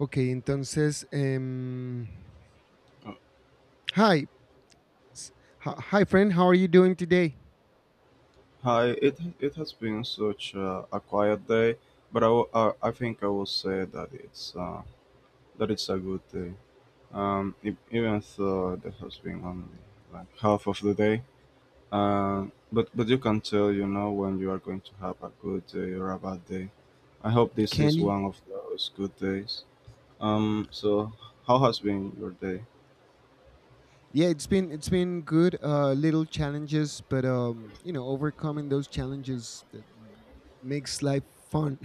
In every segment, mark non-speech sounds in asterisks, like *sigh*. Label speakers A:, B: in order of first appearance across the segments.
A: Okay, entonces,
B: Uh,
A: hi, s- hi, hi, friend. How are you doing today?
B: Hi, it has been such a quiet day, but I think I will say that it's, that it's a good day. Even though there has been only like half of the day, but you can tell, you know, when you are going to have a good day or a bad day. I hope this is
A: Candy.
B: one of those good days. So how has been your day?
A: Yeah, it's been good. Little challenges, but overcoming those challenges that makes life fun.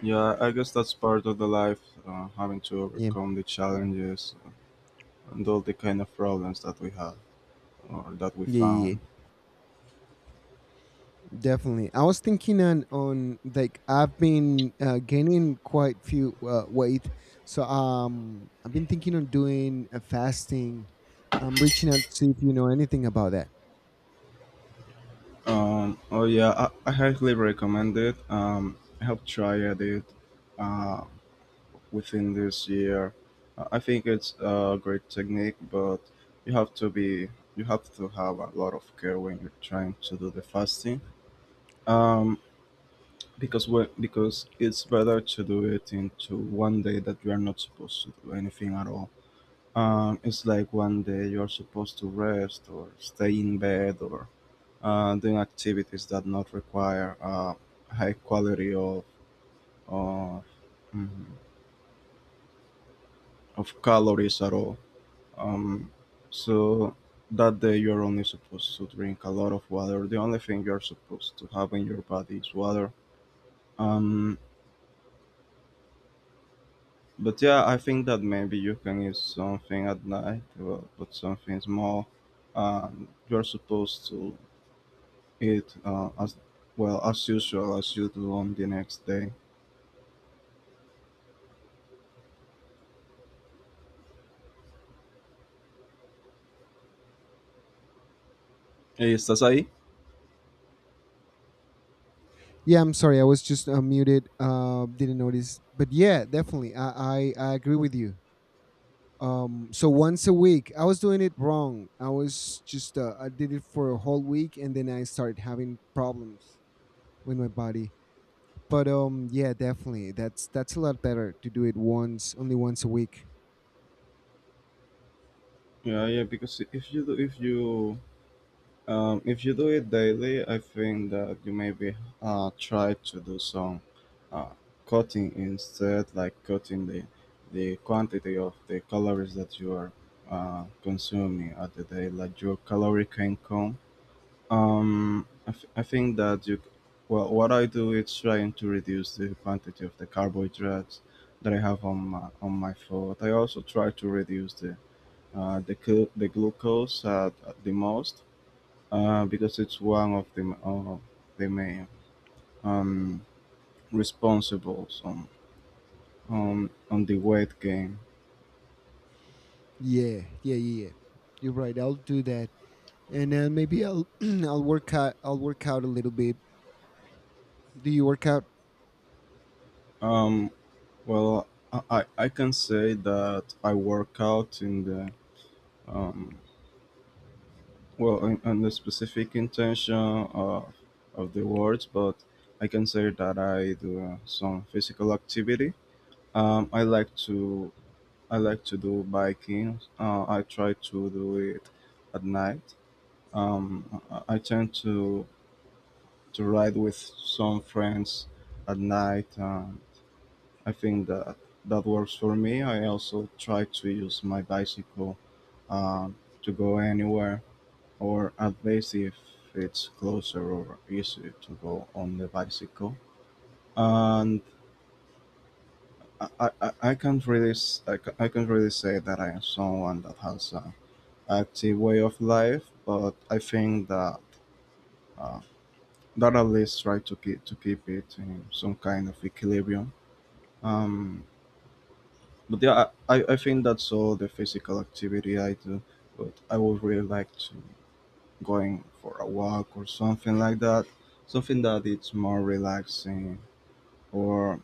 B: Yeah, I guess that's part of the life, having to
A: *laughs* yeah,
B: overcome the challenges and all the kind of problems that we have, or that we
A: yeah, yeah, yeah,
B: found.
A: definitely. I was thinking on like I've been gaining quite few weight, so I've been thinking on doing a fasting. I'm reaching out to see if you know anything about that.
B: Oh yeah, I highly recommend it. I have tried it uh, within this year. I think it's a great technique, but you have to be you have to have a lot of care when you're trying to do the fasting. Um, because it's better to do it into one day that you are not supposed to do anything at all. It's like one day you are supposed to rest or stay in bed, or doing activities that not require high quality of uh, mm, of calories at all. Um, so that day you're only supposed to drink a lot of water. The only thing you're supposed to have in your body is water. Um, but yeah, I think that maybe you can eat something at night, well, but something small. You're supposed to eat as well as usual as you do on the next day. Estás aí?
A: Yeah, I'm sorry. I was just muted. Didn't notice. But yeah, definitely. I agree with you. So once a week, I was doing it wrong. I did it for a whole week, and then I started having problems with my body. But yeah, definitely. That's a lot better to do it once, only once a week.
B: Yeah, yeah, because if you do it daily, I think that you maybe try to do some uh, cutting instead, like cutting the quantity of the calories that you are consuming at the day, like your calorie can count. I think that what I do is trying to reduce the quantity of the carbohydrates that I have on my food. I also try to reduce the the glucose at the most because it's one of the main um, responsibles on the weight gain.
A: Yeah, yeah, yeah, yeah. You're right. I'll do that. And then maybe I'll, *clears throat* I'll work out a little bit. Do you work out?
B: Um, well, I can say that I work out in the um, in the specific intention of of the words, but I can say that I do some physical activity. Um, I like to I like to do biking. I try to do it at night. I tend to ride with some friends at night. I think that that works for me. I also try to use my bicycle um, to go anywhere, or at least if it's closer or easier to go on the bicycle. And I can't really I can't really say that I am someone that has an active way of life, but I think that uh, that at least try to keep it in some kind of equilibrium. Um, but yeah, I think that's all the physical activity I do. But I would really like to going for a walk or something like that, something that it's more relaxing or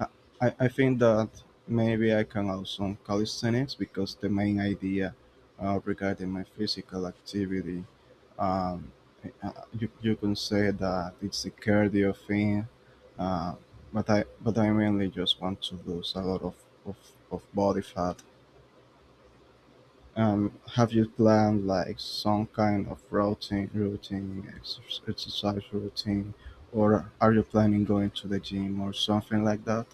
B: I, I think that maybe I can add some calisthenics because the main idea regarding my physical activity, um, uh, you, you can say that it's a cardio thing, uh, but I mainly just want to lose a lot of, of body fat. Have you planned like some kind of routine exer- exercise routine, or are you planning going to the gym or something like that?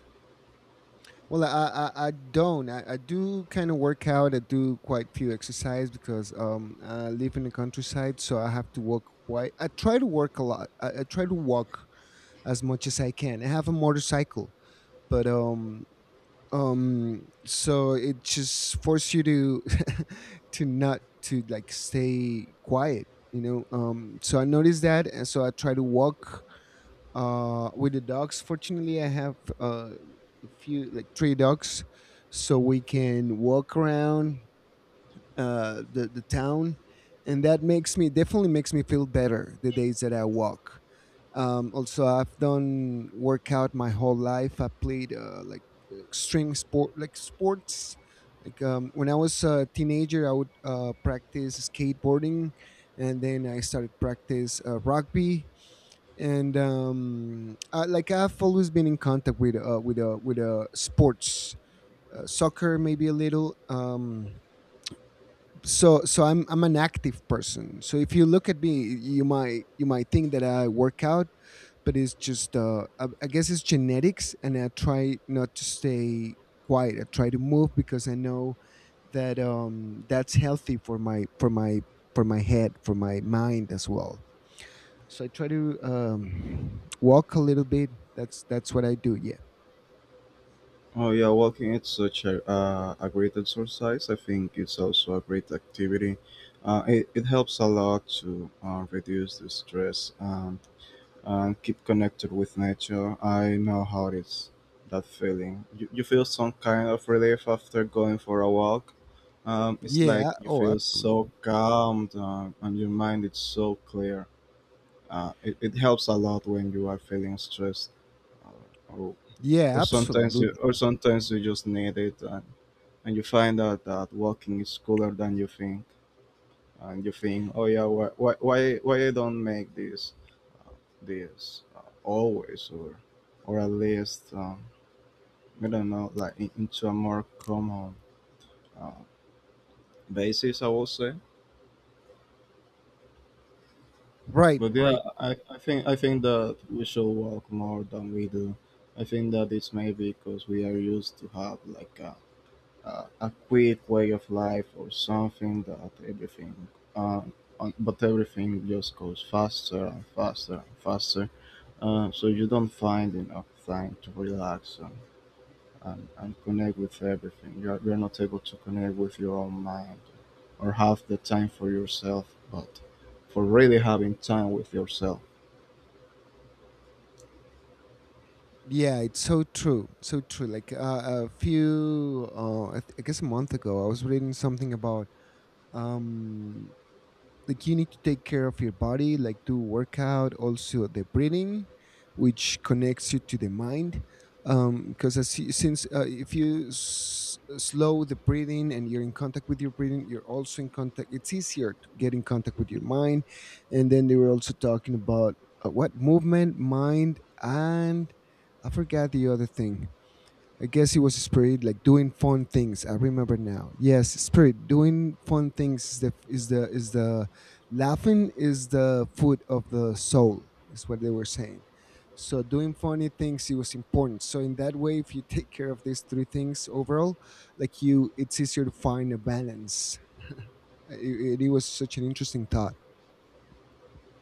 A: Well, I don't. I do kind of work out. I do quite few exercise because I live in the countryside, so I have to walk quite. I try to work a lot. I try to walk as much as I can. I have a motorcycle, but so it just forces you to *laughs* to not to like stay quiet. You know, so I noticed that, and so I try to walk with the dogs. Fortunately, I have a few, like three dogs, so we can walk around the town, and that makes me definitely makes me feel better the days that I walk. Also, I've done workout my whole life. I played like extreme sports, like when I was a teenager, I would practice skateboarding. And then I started practice rugby. And like, I've always been in contact with sports, soccer maybe a little. So I'm an active person. So if you look at me, you might think that I work out, but it's just I guess it's genetics, and I try not to stay quiet. I try to move because I know that's healthy for my head, for my mind as well. So I try to walk a little bit. That's what I do. Yeah.
B: Oh yeah, walking it's such a great exercise. I think it's also a great activity. It helps a lot to reduce the stress, and keep connected with nature. I know how it is, that feeling. You feel some kind of relief after going for a walk. It's like
A: Yeah,
B: you
A: oh,
B: feel so
A: absolutely.
B: calm and your mind is so clear. It helps a lot when you are feeling stressed or
A: Yeah, absolutely.
B: or sometimes you just need it, and you find out that walking is cooler than you think, and you think, oh yeah, why I don't make this this always, or at least I don't know, like in, into a more common uh, basis I would say.
A: Right.
B: But yeah,
A: Right.
B: I think that we should walk more than we do. I think that it's maybe because we are used to have like a quick way of life or something that everything uh, on, but everything just goes faster and faster and faster, so you don't find enough time to relax and connect with everything. You're not able to connect with your own mind, or have the time for yourself, but for really having time with yourself.
A: Yeah, it's so true, so true. Like a few I, th- I guess a month ago, I was reading something about um like, you need to take care of your body, like do workout, also the breathing, which connects you to the mind, because since if you slow the breathing, and you're in contact with your breathing, you're also in contact. It's easier to get in contact with your mind. And then they were also talking about what, movement, mind, and I forgot the other thing. I guess it was Spirit, like doing fun things. I remember now. Yes, Spirit, doing fun things is the is the is the laughing is the food of the soul. Is what they were saying. So doing funny things, it was important. So in that way, if you take care of these three things overall, it's easier to find a balance. It was such an interesting thought.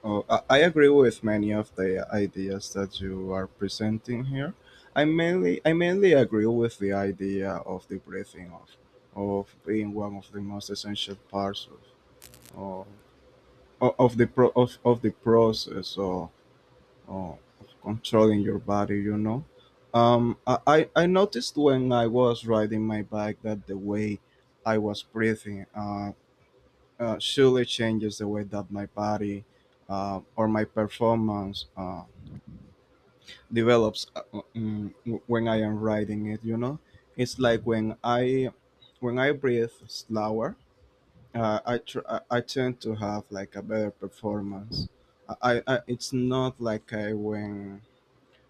B: Oh, I agree with many of the ideas that you are presenting here. I mainly agree with the idea of the breathing of being one of the most essential parts of of the pro, of the process, or of controlling your body, you know. Um, I, I noticed when I was riding my bike that the way I was breathing surely changes the way that my body or my performance develops mm, when I am riding it. You know, it's like when I breathe slower, I, tr- I tend to have like a better performance. I it's not like I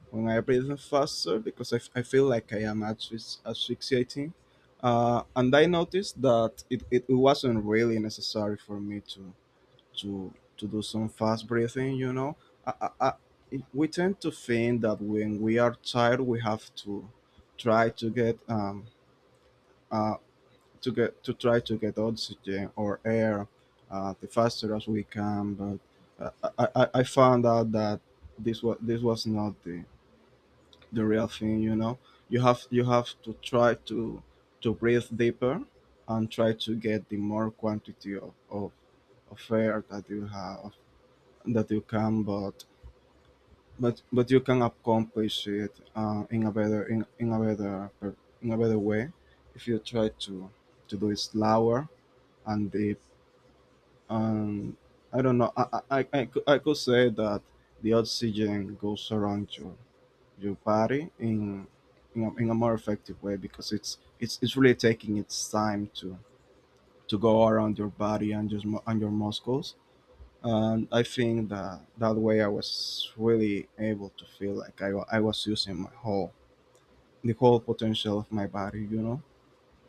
B: when I breathe faster because I feel like I am asphyx- asphyxiating. And I noticed that it wasn't really necessary for me to to do some fast breathing, you know. I, I, I, we tend to think that when we are tired we have to try to get uh to get to try to get oxygen or air the faster as we can, but I found out that this was not the, the real thing, you know. You have to try to breathe deeper and try to get the more quantity of air that you have that you can, but but you can accomplish it in a better per- in a better way if you try to do it slower and deep. And I don't know. I could say that the oxygen goes around your body in in a more effective way because it's really taking its time to go around your body and just and your muscles, and I think that that way I was really able to feel like I was using my whole the whole potential of my body, you know.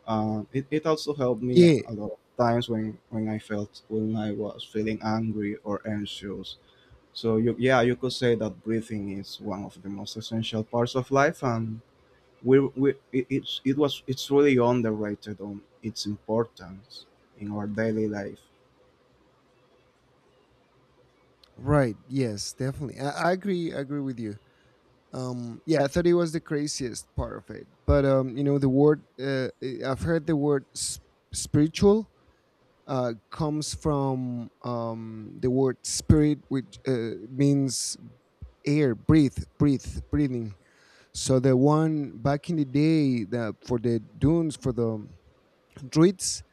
B: Um, it also helped me
A: Yeah.
B: a lot of times when I felt when I was feeling angry or anxious. So you, yeah, you could say that breathing is one of the most essential parts of life, and we it, it's it was it's really underrated on its importance in our daily life.
A: Right. Yes. Definitely. I agree. I agree with you. Yeah, I thought it was the craziest part of it, but you know, the word, have heard the word spiritual comes from, the word "spirit," which means air, breathe, breathe, breathing. So the one back in the day, that, for the druids,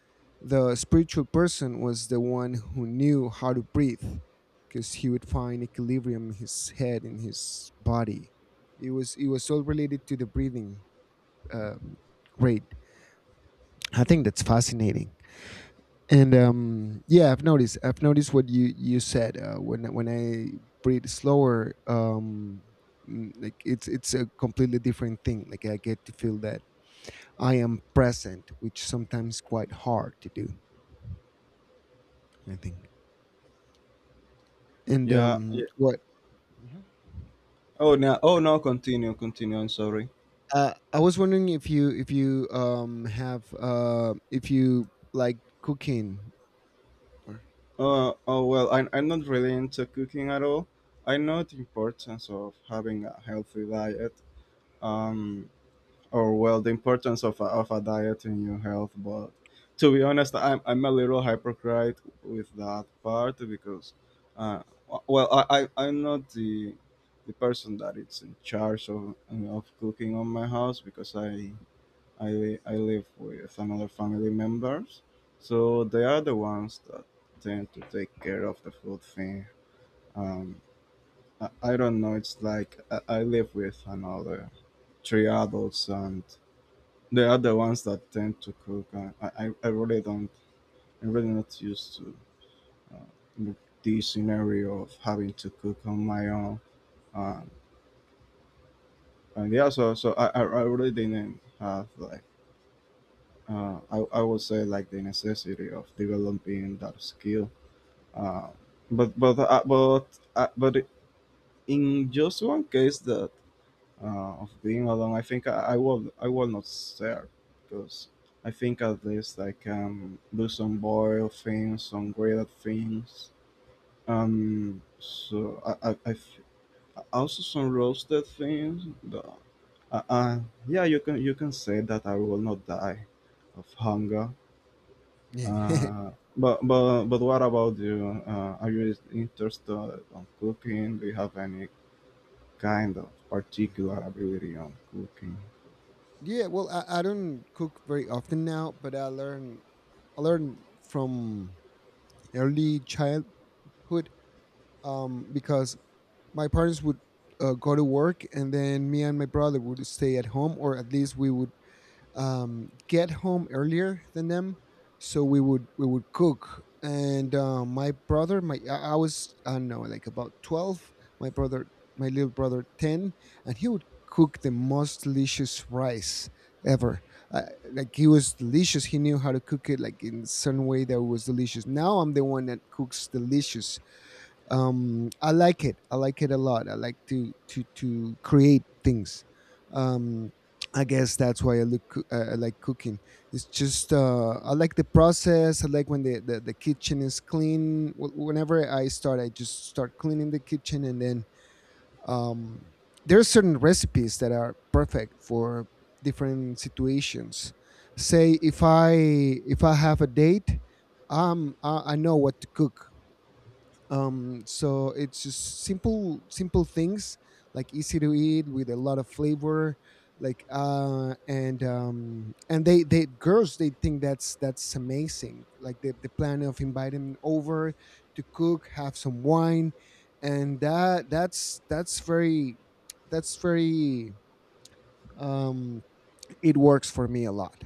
A: the spiritual person was the one who knew how to breathe, because he would find equilibrium in his head, in his body. It was all related to the breathing, um, rate. I think that's fascinating. And yeah, I've noticed what you said, when I breathe slower, like, it's a completely different thing. Like, I get to feel that I am present, which sometimes quite hard to do, I think. And
B: Yeah, yeah.
A: what? Mhm.
B: Oh no, oh no, continue, I'm sorry.
A: I was wondering if you like cooking or,
B: Oh well, I'm not really into cooking at all. I know the importance of having a healthy diet, um, or well, the importance of a diet in your health. But to be honest, I'm a little hypocrite with that part because, I'm not the the person that is in charge of cooking on my house because I live with some other family members, so they are the ones that tend to take care of the food thing. Um, I don't know. It's like I live with another three adults, and they are the ones that tend to cook. And I really don't. I'm really not used to uh, the scenario of having to cook on my own. Um, and yeah, so I really didn't have like I would say like the necessity of developing that skill. Uh, but but uh, but but in just one case that of being alone, I think I will not share because I think at least I can do some boil things, some grilled things. Um, so I, I, I f- Also some roasted things. Uh, uh, yeah, you can say that I will not die of hunger.
A: yeah. *laughs*
B: Uh, but what about you? Are you interested on cooking? Do you have any kind of particular ability on cooking?
A: Yeah, well, I don't cook very often now, but I learn, I learned from early childhood, because my parents would go to work, and then me and my brother would stay at home, or at least we would get home earlier than them, so we would cook. And my brother, my I was, I don't know, like about 12. My brother, my little brother, 10, and he would cook the most delicious rice ever. Uh, like, he was delicious. He knew how to cook it like in certain way that was delicious. Now I'm the one that cooks delicious. I like it. I like it a lot. I like to create things. um I guess that's why I look coo- I like cooking. It's just I like the process. I like when the kitchen is clean. Whenever I start, I just start cleaning the kitchen, and then, um there are certain recipes that are perfect for different situations. Say if I have a date, I know what to cook. So it's just simple, simple things, like easy to eat with a lot of flavor. Like, and they girls, they think that's amazing, like the plan of inviting them over to cook, have some wine, and that's very, um it works for me a lot.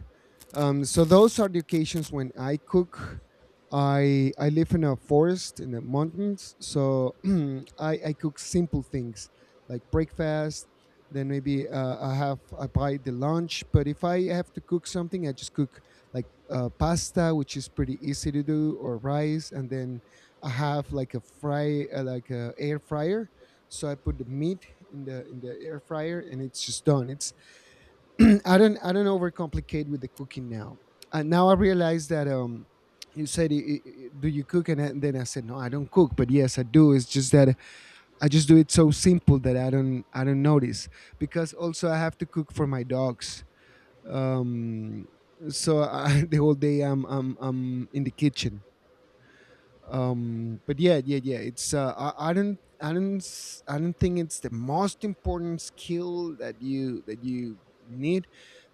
A: So those are the occasions when I cook. I live in a forest in the mountains, so *clears throat* I cook simple things like breakfast. Then maybe I buy the lunch. But if I have to cook something, I just cook, like pasta, which is pretty easy to do, or rice. And then I have like a air fryer. So I put the meat in the air fryer, and it's just done. It's *clears throat* I don't overcomplicate with the cooking now. And now I realize that, you said, "Do you cook?" And then I said, "No, I don't cook." But yes, I do. It's just that I just do it so simple that I don't notice, because also I have to cook for my dogs, um so I, *laughs* the whole day I'm in the kitchen. But yeah, yeah, yeah. It's I don't think it's the most important skill that you need,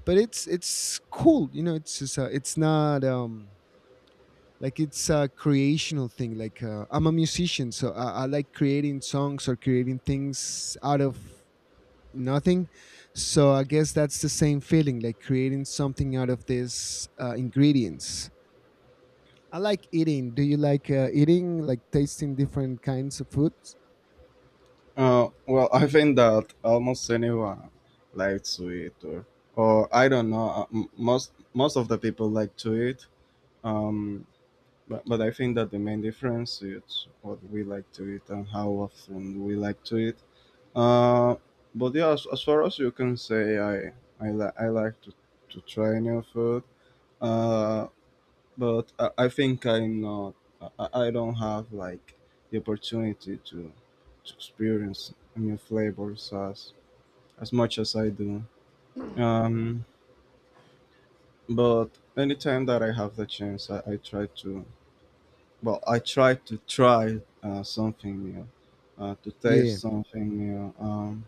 A: but it's cool, you know. It's just, it's not like, it's a creational thing. Like I'm a musician, so I like creating songs or creating things out of nothing. So I guess that's the same feeling, like creating something out of these ingredients. I like eating. Do you like eating, like tasting different kinds of foods?
B: Well, I think that almost anyone likes to eat, or I don't know. Most of the people like to eat. Um, but I think that the main difference is what we like to eat and how often we like to eat. Uh, but yeah, as far as you can say, I like to try new food. Uh, but I think I'm not. I don't have like the opportunity to experience new flavors as much as I do. Um, but anytime that I have the chance, I try to. I try to try something new, to
A: Yeah.
B: taste something new. Um,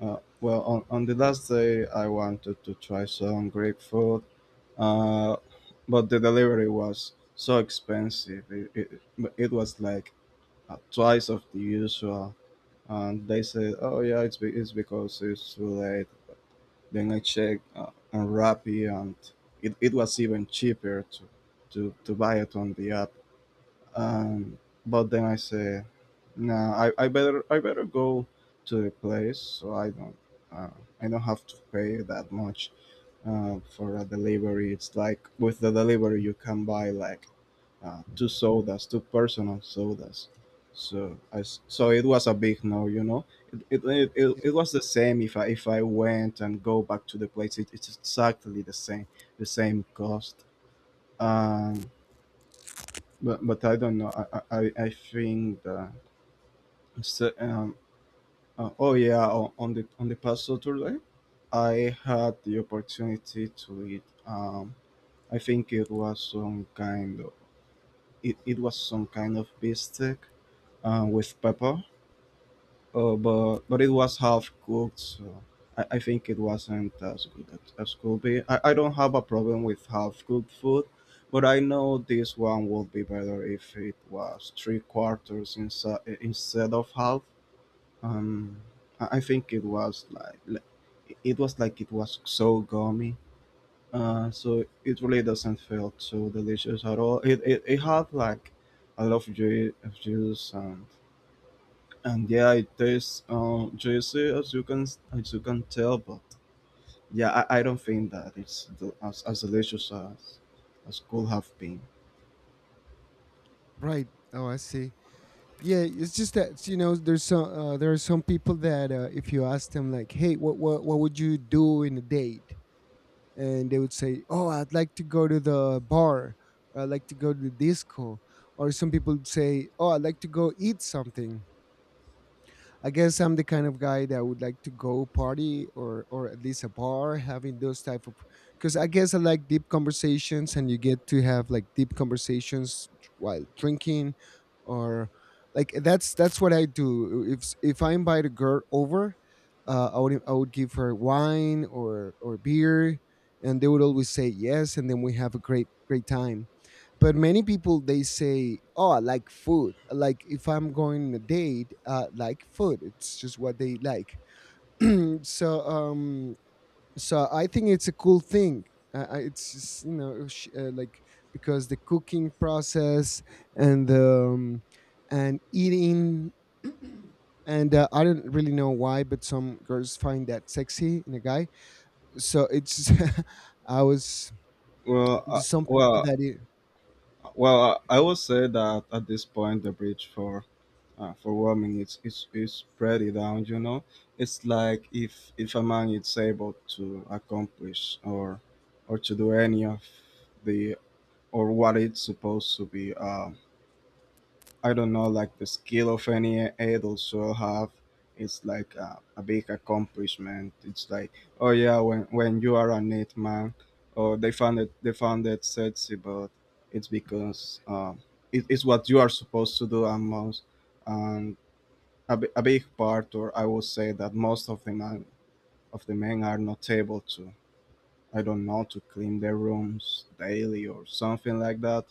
B: uh, Well, on the last day, I wanted to try some Greek food, uh, but the delivery was so expensive. It was like twice of the usual. And they said, oh, yeah, it's because it's too late. Then I checked on Rappi, and it was even cheaper to buy it on the app. Um, but then I say, no, I better go to the place so uh, I don't have to pay that much for a delivery. It's like with the delivery you can buy like two sodas, two personal sodas. So it was a big no, you know. It was the same if I went and go back to the place. It's exactly the same cost. Um, but I don't know. I think that so, um, oh yeah, on the past Saturday, I had the opportunity to eat. I think it was some kind of it was some kind of beefsteak with pepper. But it was half cooked, so I think it wasn't as good as could be. I don't have a problem with half cooked food, but I know this one would be better if it was three quarters instead of half. Um, I think it was it was like it was so gummy. So it really doesn't feel too delicious at all. It had like a lot of juice and yeah it tastes juicy as you can tell, but yeah I don't think that it's as delicious as could have been.
A: Right. Oh, I see. Yeah, it's just that, there's some there are some people that, if you ask them like, "Hey, what would you do in a date?" And they would say, "Oh, I'd like to go to the bar, or I'd like to go to the disco." Or some people would say, "Oh, I'd like to go eat something." I guess I'm the kind of guy that would like to go party, or at least a bar, having those type of, because I guess I like deep conversations, and you get to have like deep conversations while drinking or like that's what I do. If I invite a girl over, I would give her wine, or beer, and they would always say yes, and then we have a great, great time. But many people, they say, "Oh, I like food." Like, if I'm going on a date, like food, it's just what they like. *clears throat* so um so I think it's a cool thing. It's just, you know, like, because the cooking process and the um, and eating, and I don't really know why, but some girls find that sexy in a guy. So it's *laughs* I was
B: well uh,
A: there's some people
B: well
A: that it.
B: well, I would say that at this point the bridge for warming it's pretty down, you know. It's like if a man is able to accomplish or to do any of the or what it's supposed to be. I don't know, like the skill of any adults will have. It's like a big accomplishment. It's like, oh yeah, when you are a it man, or they found it sexy, but it's because it's what you are supposed to do and and a, a big part, or I would say that most of the man of the men are not able to. I don't know, to clean their rooms daily or something like that.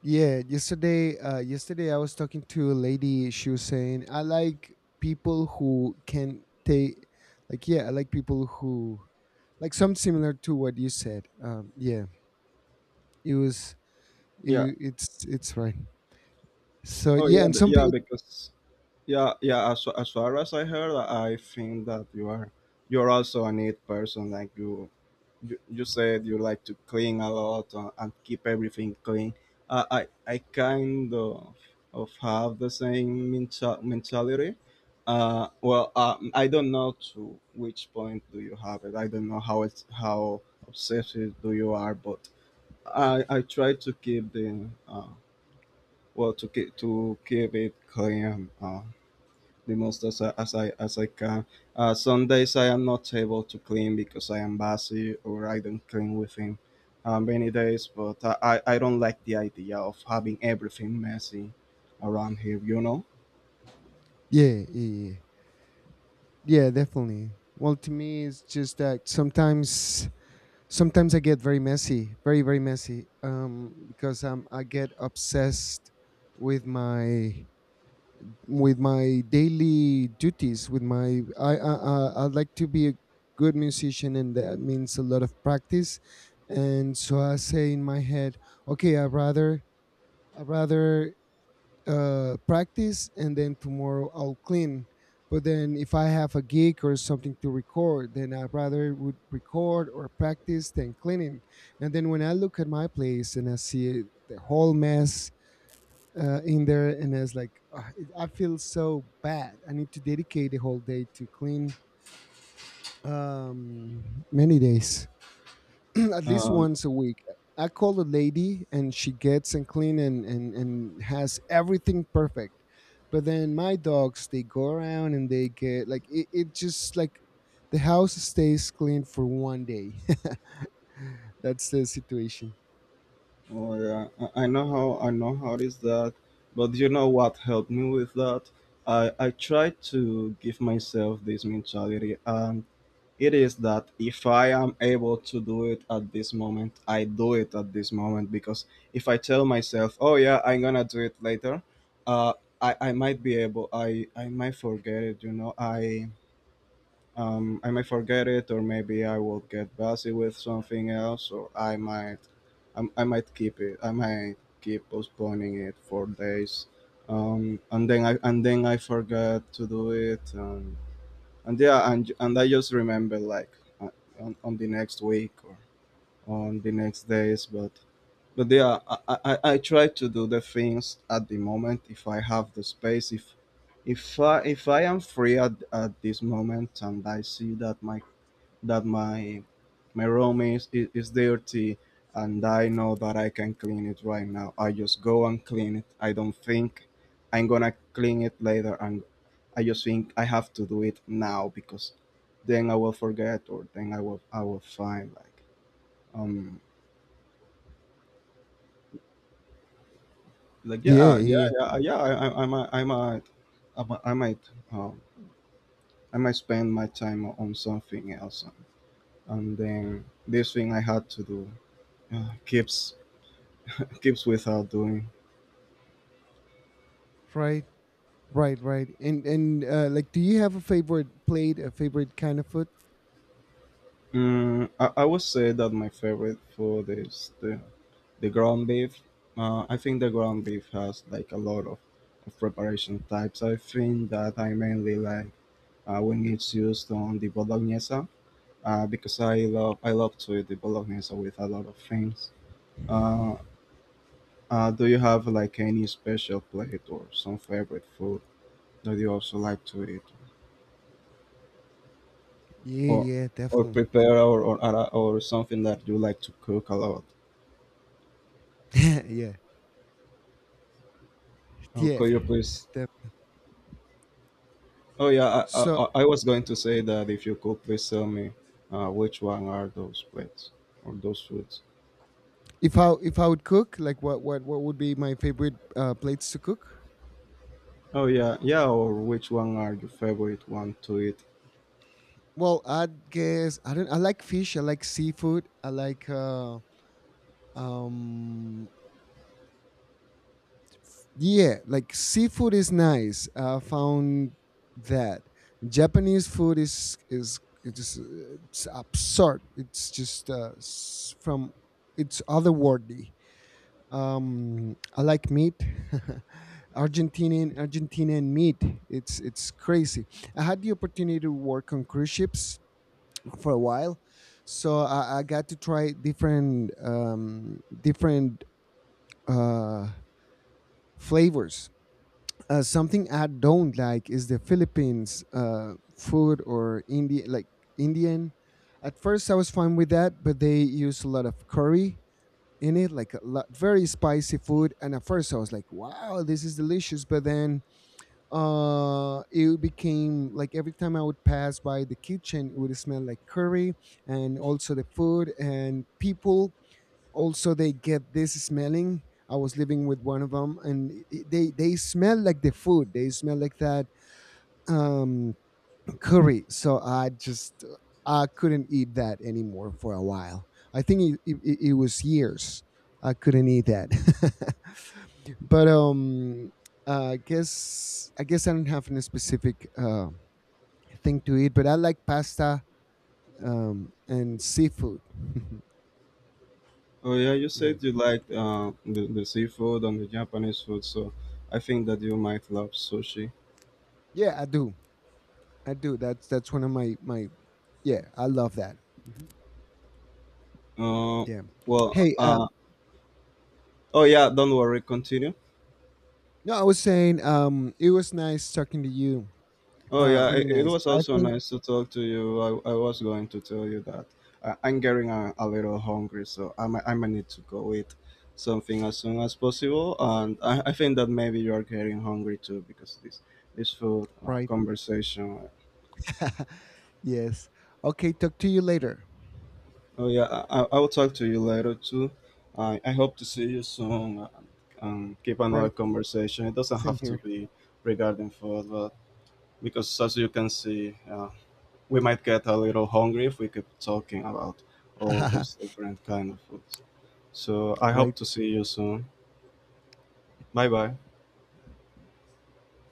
A: Yeah, yesterday I was talking to a lady. She was saying, "I like people who can take, like, yeah, I like people who like something similar to what you said." Yeah, it was,
B: Yeah.
A: it, It's right. So
B: Oh
A: yeah,
B: yeah,
A: and
B: be-
A: some
B: yeah,
A: people,
B: because Yeah, yeah. As far as I heard, I think that you are you're also a neat person. Like you said you like to clean a lot and keep everything clean. I kind of have the same mentality. I don't know to which point do you have it. I don't know how it's how obsessive do you are, but I try to keep the to keep it clean. The most as I can. Some days I am not able to clean because I am busy or I don't clean within many days. But I don't like the idea of having everything messy around here. You know.
A: yeah, yeah, yeah, yeah, definitely. Well, to me, it's just that sometimes I get very messy, very, very messy, because I get obsessed with my with my daily duties with my I'd like to be a good musician, and that means a lot of practice. And so I say in my head, "Okay, I rather practice and then tomorrow I'll clean." But then if I have a gig or something to record, then I rather would record or practice than cleaning. And then when I look at my place and I see the whole mess in there, and it's like, "Ah, I feel so bad. I need to dedicate the whole day to clean many days." *clears throat* At least
B: Um,
A: once a week I call a lady, and she gets and clean, and, has everything perfect. But then my dogs, they go around and they get like it just like the house stays clean for one day. *laughs* That's the situation.
B: or I know how it is that, but you know what helped me with that. I try to give myself this mentality. It is that if I am able to do it at this moment, I do it at this moment, because if I tell myself, "Oh yeah, I'm gonna do it later," uh, I might be able, I might forget it. You know, I might forget it, or maybe I will get busy with something else, or I might keep it. I might keep postponing it for days, and then I forget to do it. And yeah and I just remember like uh, on the next week or on the next days, but yeah I try to do the things at the moment if I have the space if I am free at this moment, and I see that my that my room is, is dirty and I know that I can clean it right now. I just go and clean it. I don't think I'm gonna clean it later, and I just think I have to do it now because then I will forget or then I will find um like
A: yeah
B: yeah yeah
A: yeah
B: yeah yeah I might I might I might I might, I might spend my time on something else, and then this thing I had to do uh, keeps keeps without doing.
A: Right. Right, right. And like, do you have a favorite plate, a favorite kind of food?
B: Mm, I would say that my favorite food is the ground beef. I think the ground beef has like a lot of preparation types. I think that I mainly like when it's used on the bolognese because I love to eat the bolognese with a lot of things. Uh, do you have like any special plate or some favorite food that you also like to eat,
A: Yeah,
B: or
A: yeah,
B: or
A: definitely.
B: prepare, or something that you like to cook a lot?
A: *laughs* Yeah,
B: Oh,
A: yeah.
B: could you please?
A: Def-
B: Oh yeah,
A: so
B: I was going to say that if you could please tell me which one are those plates or those foods.
A: if I would cook, like, what would be my favorite plates to cook?
B: Oh yeah, yeah, or which one are your favorite one to eat?
A: Well, I guess I don't. I like fish. I like seafood. I like um Yeah, like seafood is nice. I found that Japanese food is it's just it's absurd. It's just s- from it's otherworldly. I like meat. *laughs* Argentinian meat. It's crazy. I had the opportunity to work on cruise ships for a while, so I got to try different different uh, flavors. Something I don't like is the Philippines food, or Indian, like Indian. At first, I was fine with that, but they use a lot of curry in it, like a lot, very spicy food. And at first, I was like, "Wow, this is delicious!" But then it became like every time I would pass by the kitchen, it would smell like curry. And also the food and people, also they get this smelling. I was living with one of them, and they smell like the food, they smell like that, um, curry. So I just I couldn't eat that anymore for a while. I think it was years I couldn't eat that. *laughs* But um, I guess I don't have any specific thing to eat, but I like pasta, um, and seafood. *laughs*
B: Oh yeah, you
A: Yeah.
B: said you liked the seafood and the Japanese food, so I think that you might love sushi.
A: Yeah, I do. I do. That's one of my my Yeah, I love that. Mhm.
B: Uh,
A: Yeah.
B: well,
A: Hey,
B: uh, oh yeah, don't worry, continue.
A: no, I was saying, it was nice talking to you.
B: Oh yeah,
A: Really
B: it
A: nice.
B: was
A: I
B: also
A: think,
B: nice to talk to you. I was going to tell you that I'm getting a little hungry, so I might need to go eat something as soon as possible. And I think that maybe you are getting hungry too because this food
A: right.
B: conversation.
A: *laughs* Yes. Okay, talk to you later.
B: Oh yeah, I will talk to you later too. I hope to see you soon, and keep
A: Right.
B: another conversation. It doesn't
A: Same
B: have to
A: here.
B: be regarding food, but because as you can see, we might get a little hungry if we keep talking about all these
A: *laughs*
B: different kind of foods. So I
A: Right.
B: hope to see you soon. Bye bye.